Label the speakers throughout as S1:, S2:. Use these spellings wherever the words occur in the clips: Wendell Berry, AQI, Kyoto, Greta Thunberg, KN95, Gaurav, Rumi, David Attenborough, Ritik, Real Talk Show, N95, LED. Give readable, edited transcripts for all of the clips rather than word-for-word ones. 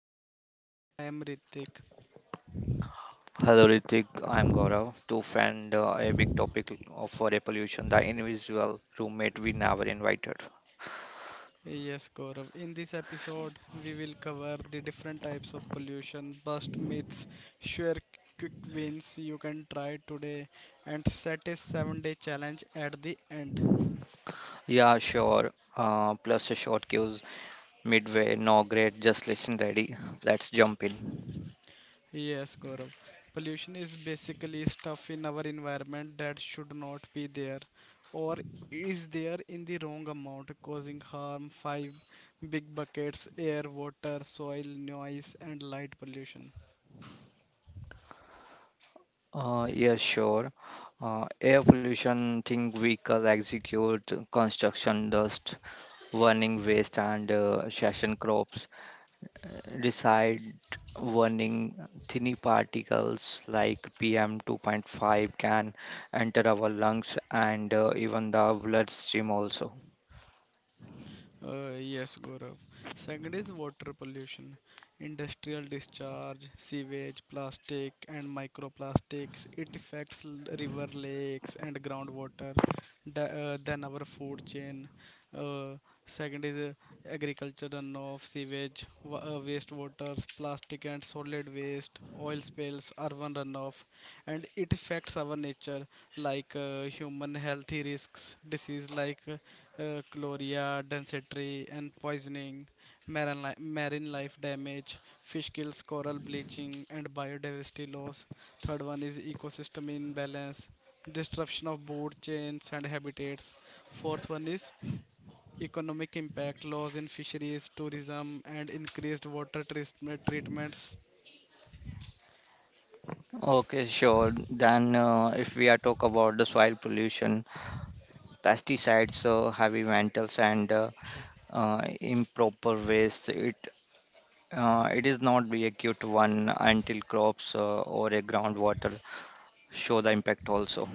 S1: Real Talk Show. I am Ritik.
S2: hello Ritik, I'm Gaurav. To friend a big topic of for air pollution, the invisible roommate we never invited.
S1: Yes, Gaurav. In this episode, we will cover the different types of pollution, bust myths, share quick wins you can try today, and set a 7-day day challenge at the end.
S2: Yeah, sure. Plus a short cues midway. No great. Just listen ready. Let's jump in.
S1: Yes, Gaurav. Pollution is basically stuff in our environment that should not be there or is there in the wrong amount, causing harm. Five big buckets: air, water, soil, noise, and light pollution.
S2: Yeah, sure. Air pollution thing vehicle execute construction dust, burning waste and session crops reside warning tiny particles like pm 2.5 can enter our lungs and even the bloodstream also.
S1: Yes, Gaurav. Second is water pollution. Industrial discharge, sewage, plastic, and microplastics. It affects river, lakes, and groundwater. Then our food chain. Uh, Second is agriculture runoff, sewage, wastewaters, plastic and solid waste, oil spills, urban runoff, and it affects our nature like human healthy risks, disease like. Chloria, dysentery, and poisoning, marine, marine life damage, fish kills, coral bleaching, and biodiversity loss. Third one is ecosystem imbalance, disruption of food chains and habitats. Fourth one is economic impact, loss in fisheries, tourism, and increased water treatment treatments.
S2: Okay, sure, then if we are talk about the soil pollution pesticides heavy metals and improper waste it it is not be a cute one until crops or a groundwater show the impact also.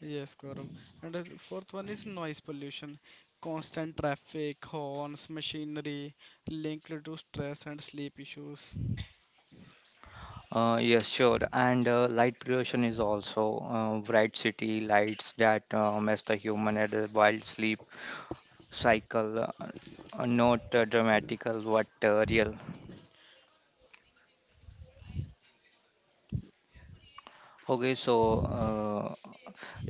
S1: Yes, Gaurav. And the fourth one is noise pollution. Constant traffic, horns, machinery linked to stress and sleep issues.
S2: Yes, sure. And light pollution is also bright city lights that mess the human at a wild sleep cycle. Not dramatical, but real. Okay, so uh,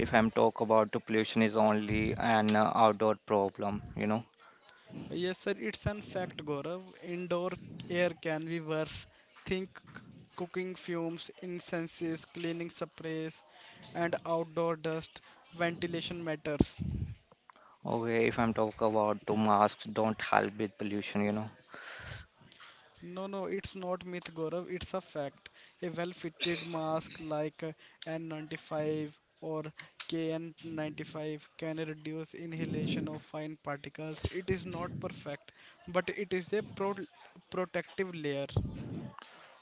S2: if I'm talk about the pollution is only an outdoor problem, you know.
S1: Yes, sir, it's an fact, Gaurav. Indoor air can be worse. Think c- cooking fumes, incenses, cleaning sprays, and outdoor dust. Ventilation matters.
S2: Okay, if I'm talk about the masks don't help with pollution, you know.
S1: No, no, it's not myth, Gaurav. It's a fact. A well-fitted mask like N95 or KN95 can reduce inhalation of fine particles. It is not perfect, but it is a protective layer.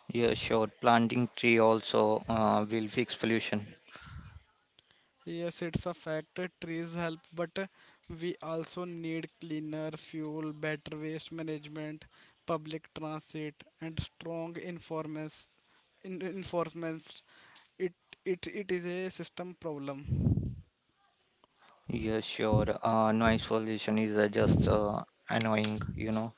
S2: Yeah, sure. Planting tree also will fix pollution.
S1: Yes, it's a fact. Trees help, but we also need cleaner fuel, better waste management, public transit, and strong informants. In enforcements, it it is a system problem.
S2: Yeah, sure. Noise pollution is just annoying, you know.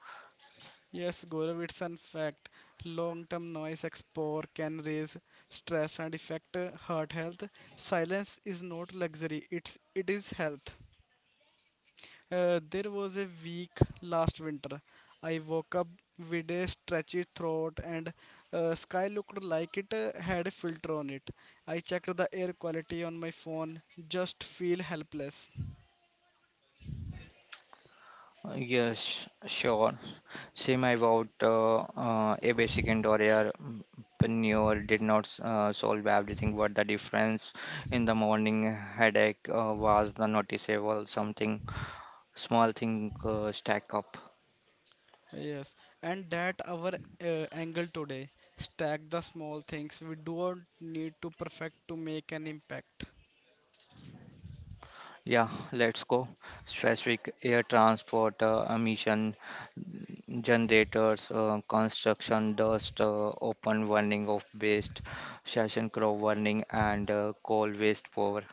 S1: Yes, Gaurav, it's an fact. Long-term noise exposure can raise stress and affect heart health. Silence is not luxury; it is health. There was a week last winter. I woke up with a stretchy throat, and sky looked like it had a filter on it. I checked the air quality on my phone, just feel helpless.
S2: Yes, sure. Same about a basic indoor air mm, manure did not solve everything, but the difference in the morning headache was the noticeable. Something small thing stack up.
S1: Yes, and that our angle today. Stack the small things we don't need to perfect to make an impact.
S2: Yeah, let's go. Specific air transport emission generators, construction dust, open burning of waste, session crop burning, and coal waste power.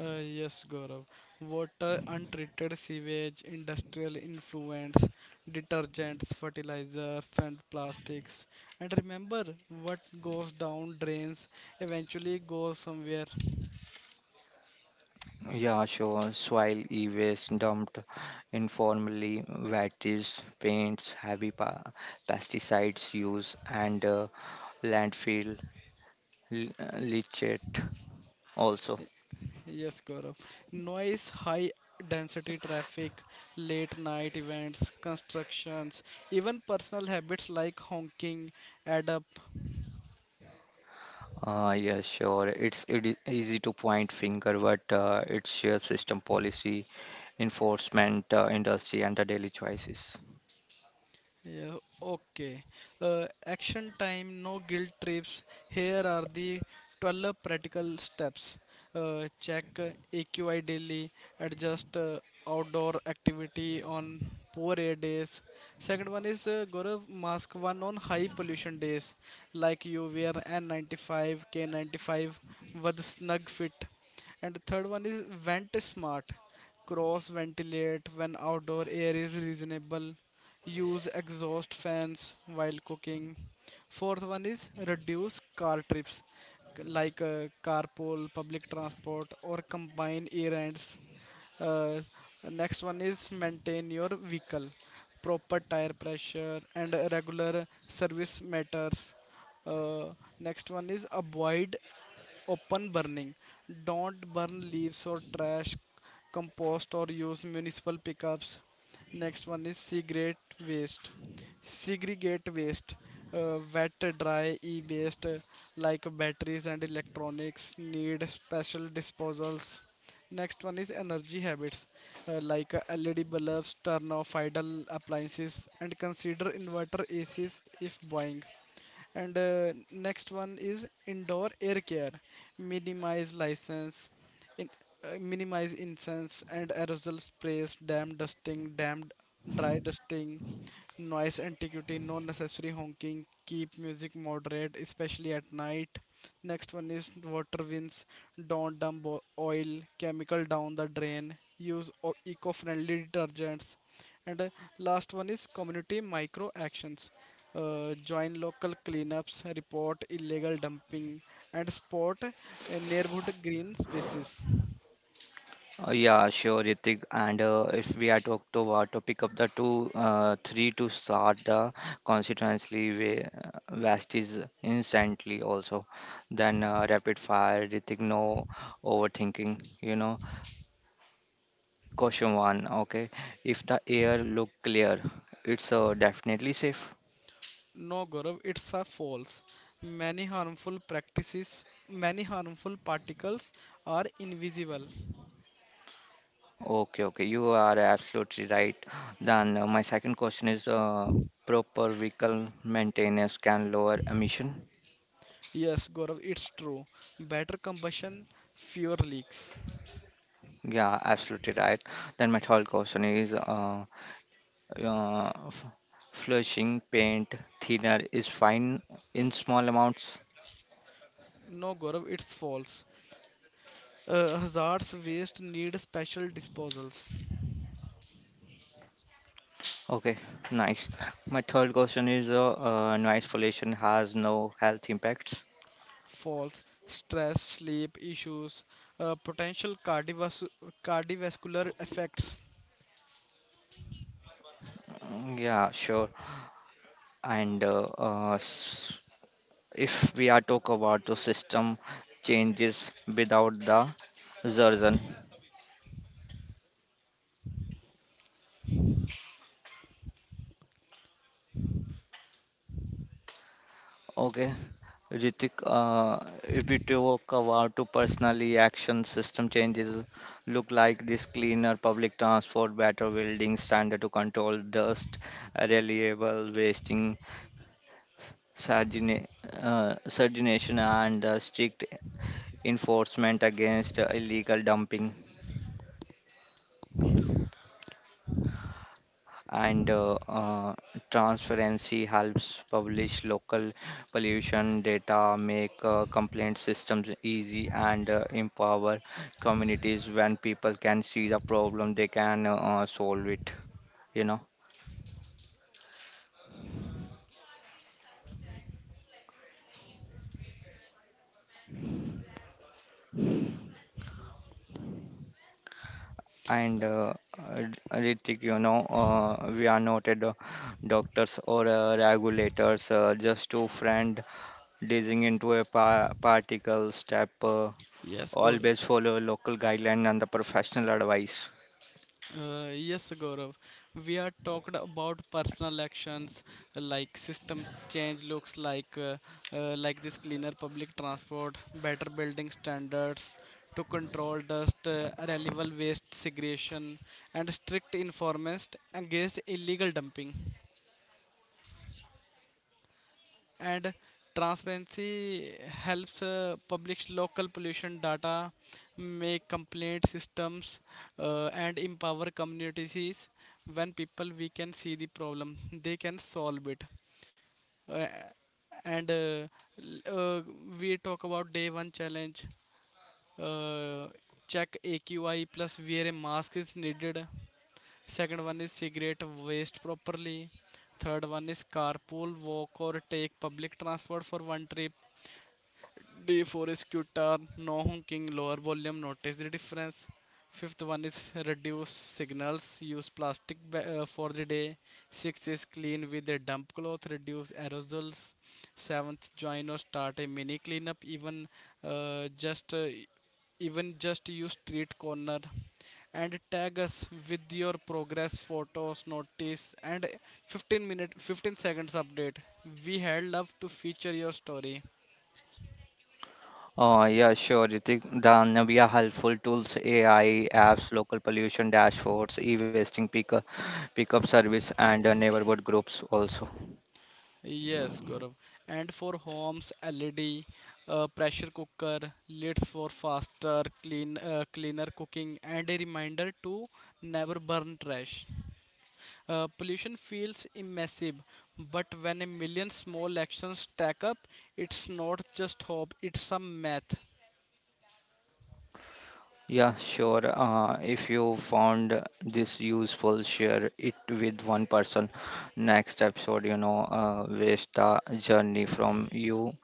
S1: Yes, Gaurav. Water, untreated sewage, industrial influents, detergents, fertilizers, and plastics. And remember, what goes down drains eventually goes somewhere.
S2: Yeah, sure. Soil e-waste dumped informally, waste, paints, pesticides use, and landfill l- leachate also.
S1: Yes, Gaurav. Noise, high density traffic, late night events, constructions, even personal habits like honking add up.
S2: Yeah, sure. It is easy to point finger, but it's your system policy, enforcement, industry, and the daily choices.
S1: Yeah, okay. Action time, no guilt trips. Here are the 12 practical steps. Check AQI daily, adjust outdoor activity on poor air days. Second one is, Gaurav, mask one on high pollution days, like you wear N95, K95 with snug fit. And the third one is vent smart. Cross ventilate when outdoor air is reasonable, use exhaust fans while cooking. Fourth one is reduce car trips, like carpool, public transport, or combine errands. uh, Next one is maintain your vehicle, proper tire pressure and regular service matters. uh, Next one is avoid open burning. Don't burn leaves or trash, compost, or use municipal pickups. Next one is cigarette waste. Segregate waste, wet, dry, e waste like batteries and electronics need special disposals. Next one is energy habits like LED bulbs, turn off idle appliances, and consider inverter ACs if buying. And next one is indoor air care, minimize license in, minimize incense and aerosol sprays, damp dusting, damp dry dusting Noise antiquity, no necessary honking, keep music moderate, especially at night. Next one is water wins, don't dump oil chemical down the drain, use eco-friendly detergents. And last one is community micro actions, join local cleanups, report illegal dumping, and support neighborhood green spaces.
S2: Yeah, sure, Ritik. And if we are talk to pick up the two, three to start the constituency way, vast is instantly also. Then rapid fire, Ritik, no overthinking. You know, question one. Okay, if the air look clear, it's definitely safe.
S1: No, Gaurav, it's a false. Many harmful particles are invisible.
S2: Okay, okay, you are absolutely right. Then my second question is proper vehicle maintenance can lower emission.
S1: Yes, Gaurav, it's true. Better combustion, fewer leaks.
S2: Yeah, absolutely right. Then my third question is uh, f- flushing paint thinner is fine in small amounts.
S1: No, Gaurav, it's false. Hazards waste need special disposals.
S2: Okay, nice. My third question is noise pollution has no health impacts.
S1: False. Stress, sleep issues, potential cardiovascular effects.
S2: Mm, yeah, sure. And if we are talk about the system changes without the Zerzan. Okay, Ritik, if we talk about to personally action system changes, look like this cleaner public transport, better building standard to control dust, reliable wasting, surgina- surgination, and strict enforcement against illegal dumping. And transparency helps publish local pollution data, make complaint systems easy, and empower communities when people can see the problem, they can solve it, you know. And Ritik, you know, we are not a doctors or regulators, just two friends dazing into a particle step.
S1: Yes, Gaurav.
S2: Always follow local guideline and the professional advice.
S1: Yes, Gaurav. We are talked about personal actions like system change looks like this cleaner public transport, better building standards to control dust, reliable waste segregation, and strict enforcement against illegal dumping. And transparency helps, publish local pollution data, make complaint systems, and empower communities. When people we can see the problem, they can solve it. uh, and uh, l- uh, we talk about day one challenge. uh, Check AQI plus wear a mask is needed. Second one is cigarette waste properly. Third one is carpool, walk, or take public transport for one trip. D4 is guitar, no honking, lower volume. Notice the difference. Fifth one is reduce signals, use plastic for the day. Six is clean with a damp cloth, reduce aerosols. Seventh, join or start a mini cleanup, uh, just uh, even just use street corner and tag us with your progress photos notice, and 15 minute 15 seconds update, we had love to feature your story.
S2: Yeah, sure, Ritik. The Navia helpful tools, AI apps, local pollution dashboards, e-wasting pickup, pickup service, and neighborhood groups also.
S1: Yes, Gaurav. And for homes, LED, pressure cooker, lids for faster, cleaner cooking, and a reminder to never burn trash. Pollution feels immersive, but when a million small actions stack up, it's not just hope, it's a math.
S2: Yeah, sure. If you found this useful, share it with one person. Next episode, you know, waste the journey from you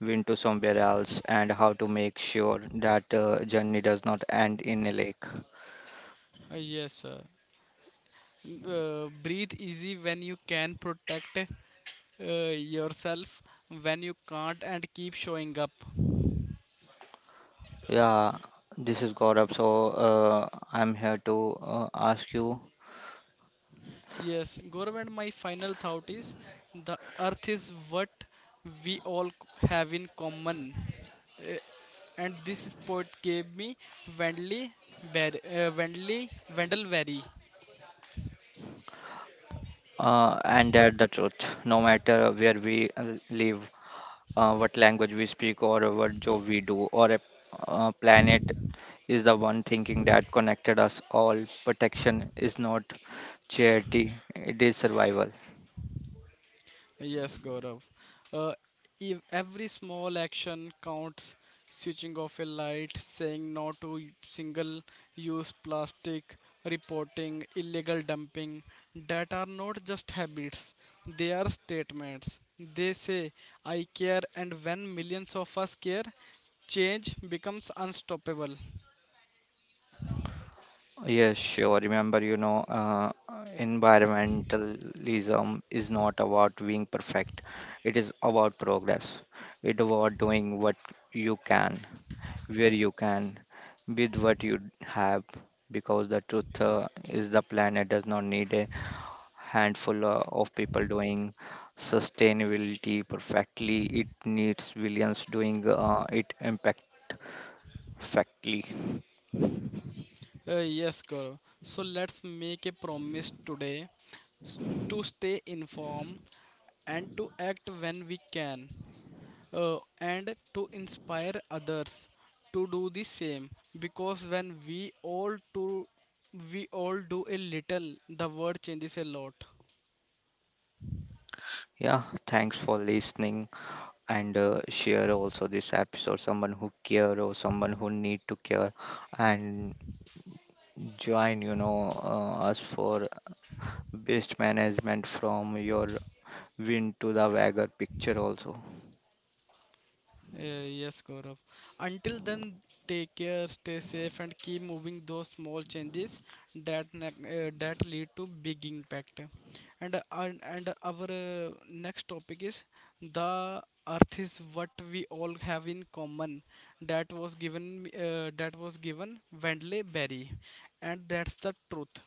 S2: win to somewhere else and how to make sure that journey does not end in a lake.
S1: Yes, sir. Breathe easy when you can, protect yourself when you can't, and keep showing up.
S2: Yeah, this is Gaurav. So I'm here to ask you
S1: Yes, Gaurav, and my final thought is the earth is what we all have in common. Eh, and this sport gave me Wendley, Ber- Wendley Wendelberry.
S2: and that the truth. No matter where we live, what language we speak, or what job we do, or a planet is the one thinking that connected us all. Protection is not charity; it is survival.
S1: Yes, Gaurav. Uh, if every small action counts, switching off a light, saying no to single use plastic, reporting illegal dumping, that are not just habits, they are statements. They say, I care, and when millions of us care, change becomes unstoppable.
S2: Yes, sure. Remember, you know, environmentalism is not about being perfect. It is about progress. It about doing what you can, where you can, with what you have. Because the truth is, the planet does not need a handful of people doing sustainability perfectly. It needs billions doing it impact perfectly.
S1: Yes, Gaurav. So let's make a promise today, s- to stay informed and to act when we can, and to inspire others to do the same. Because when we all do a little, the world changes a lot.
S2: Yeah, thanks for listening. And share also this episode someone who care or someone who need to care and join, you know, us for best management from your win to the wager picture also.
S1: Uh, yes, Gaurav. Until then, take care, stay safe, and keep moving those small changes that that lead to big impact. And our next topic is: the Earth is what we all have in common. That was given Wendley Berry, and that's the truth.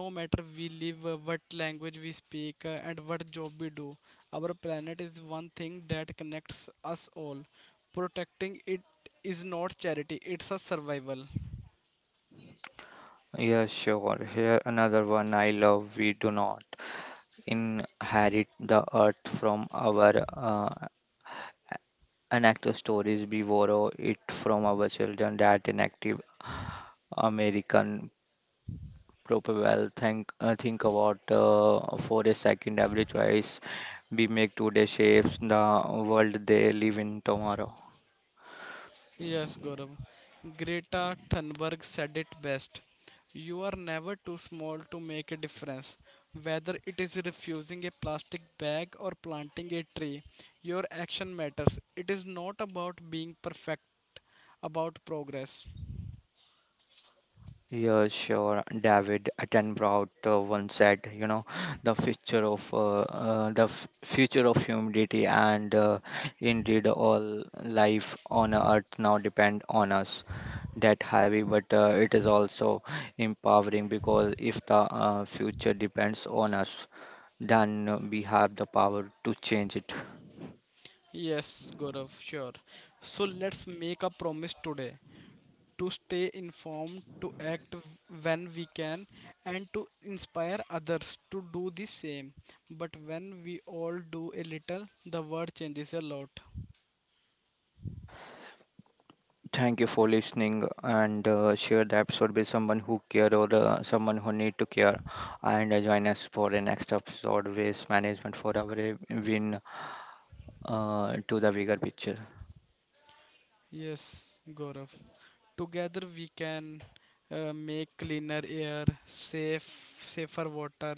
S1: No matter we live, what language we speak, and what job we do, our planet is one thing that connects us all. Protecting it is not charity, it's a survival.
S2: Yeah, sure, here another one I love. We do not inherit the earth from our inactive stories. We borrow it from our children. That inactive american proper well think, think about for a second, every choice we make today shapes the world they live in tomorrow.
S1: Yes, Gaurav. Greta Thunberg said it best. You are never too small to make a difference. Whether it is refusing a plastic bag or planting a tree, your action matters. It is not about being perfect, about progress.
S2: Yeah, sure. David Attenborough once said, you know, the future of uh, the f- future of humanity and indeed all life on earth now depend on us. That heavy, but it is also empowering, because if the future depends on us then we have the power to change it.
S1: Yes, Gaurav, sure. So let's make a promise today, to stay informed, to act when we can, and to inspire others to do the same. But when we all do a little, the world changes a lot.
S2: Thank you for listening and share the episode with someone who care or someone who need to care. And join us for the next episode, Waste Management for Every win to the bigger picture.
S1: Yes, Gaurav. Together we can make cleaner air, safer water,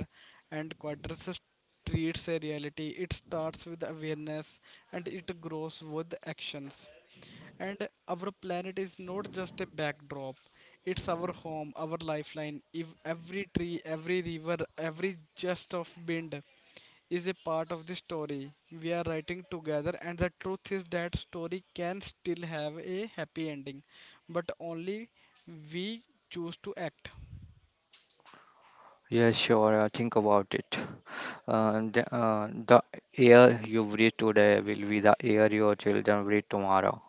S1: and quieter streets a reality. It starts with awareness and it grows with actions. And our planet is not just a backdrop, it's our home, our lifeline. If every tree, every river, every gust of wind is a part of the story we are writing together, and the truth is that story can still have a happy ending, but only we choose to act.
S2: Yeah, sure. Think about it. The air you breathe today will be the air your children breathe tomorrow.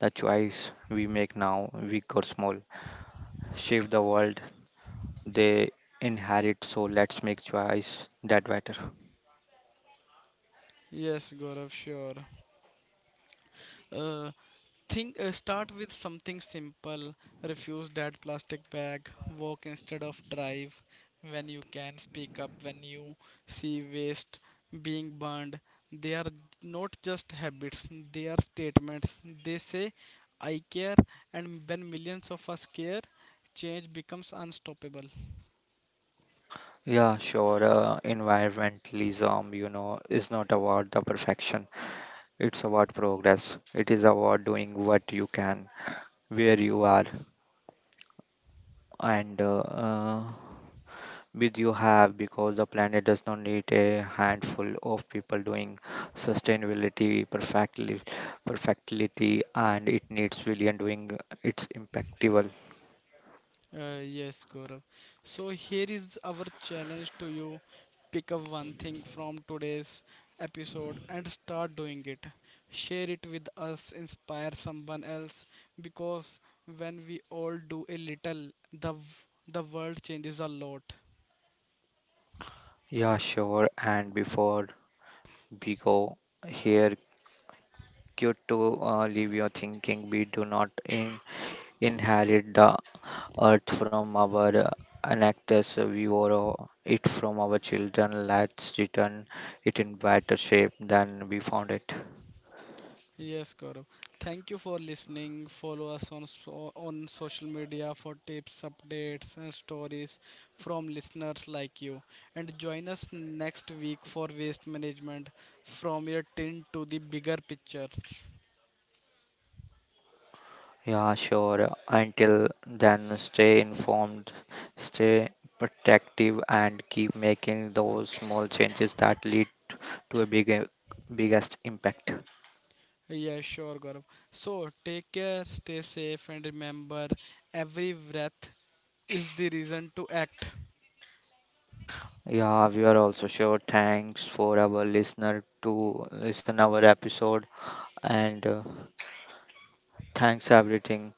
S2: The choice we make now, big or small, shape the world they inherit. So let's make choice that better.
S1: Yes, Gaurav, sure. Uh, think Start with something simple. Refuse that plastic bag. Walk instead of drive. When you can, speak up when you see waste being burned. They are not just habits; they are statements. They say, "I care," and when millions of us care, change becomes unstoppable.
S2: Yeah, sure. Environmentalism, you know, is not about the perfection. It's about progress. It is about doing what you can, where you are, and with you have, because the planet does not need a handful of people doing sustainability perfectly, perfectly, and it needs billion doing its impactful.
S1: Yes, Gaurav. So here is our challenge to you. Pick up one thing from today's episode and start doing it. Share it with us, inspire someone else, because when we all do a little, the world changes a lot.
S2: Yeah, sure. And Because Here, Kyoto leave your thinking. We do not inherit the earth from our anactors. We borrow it from our children. Let's return it in better shape than we found it.
S1: Yes, Gaurav. Thank you for listening. Follow us on on social media for tips, updates, and stories from listeners like you. And join us next week for waste management from your tin to the bigger picture.
S2: Yeah, sure. Until then, stay informed, stay protective, and keep making those small changes that lead to a biggest impact.
S1: Yeah, sure, Gaurav. So take care, stay safe, and remember, every breath is the reason to act.
S2: Yeah, we are also sure. Thanks for our listener to listen our episode and thanks everything.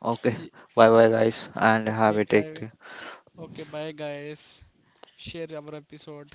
S2: Okay,
S1: Ye-
S2: bye bye guys and have
S1: Okay,
S2: a
S1: guys.
S2: take.
S1: Okay, bye, guys. Share our episode.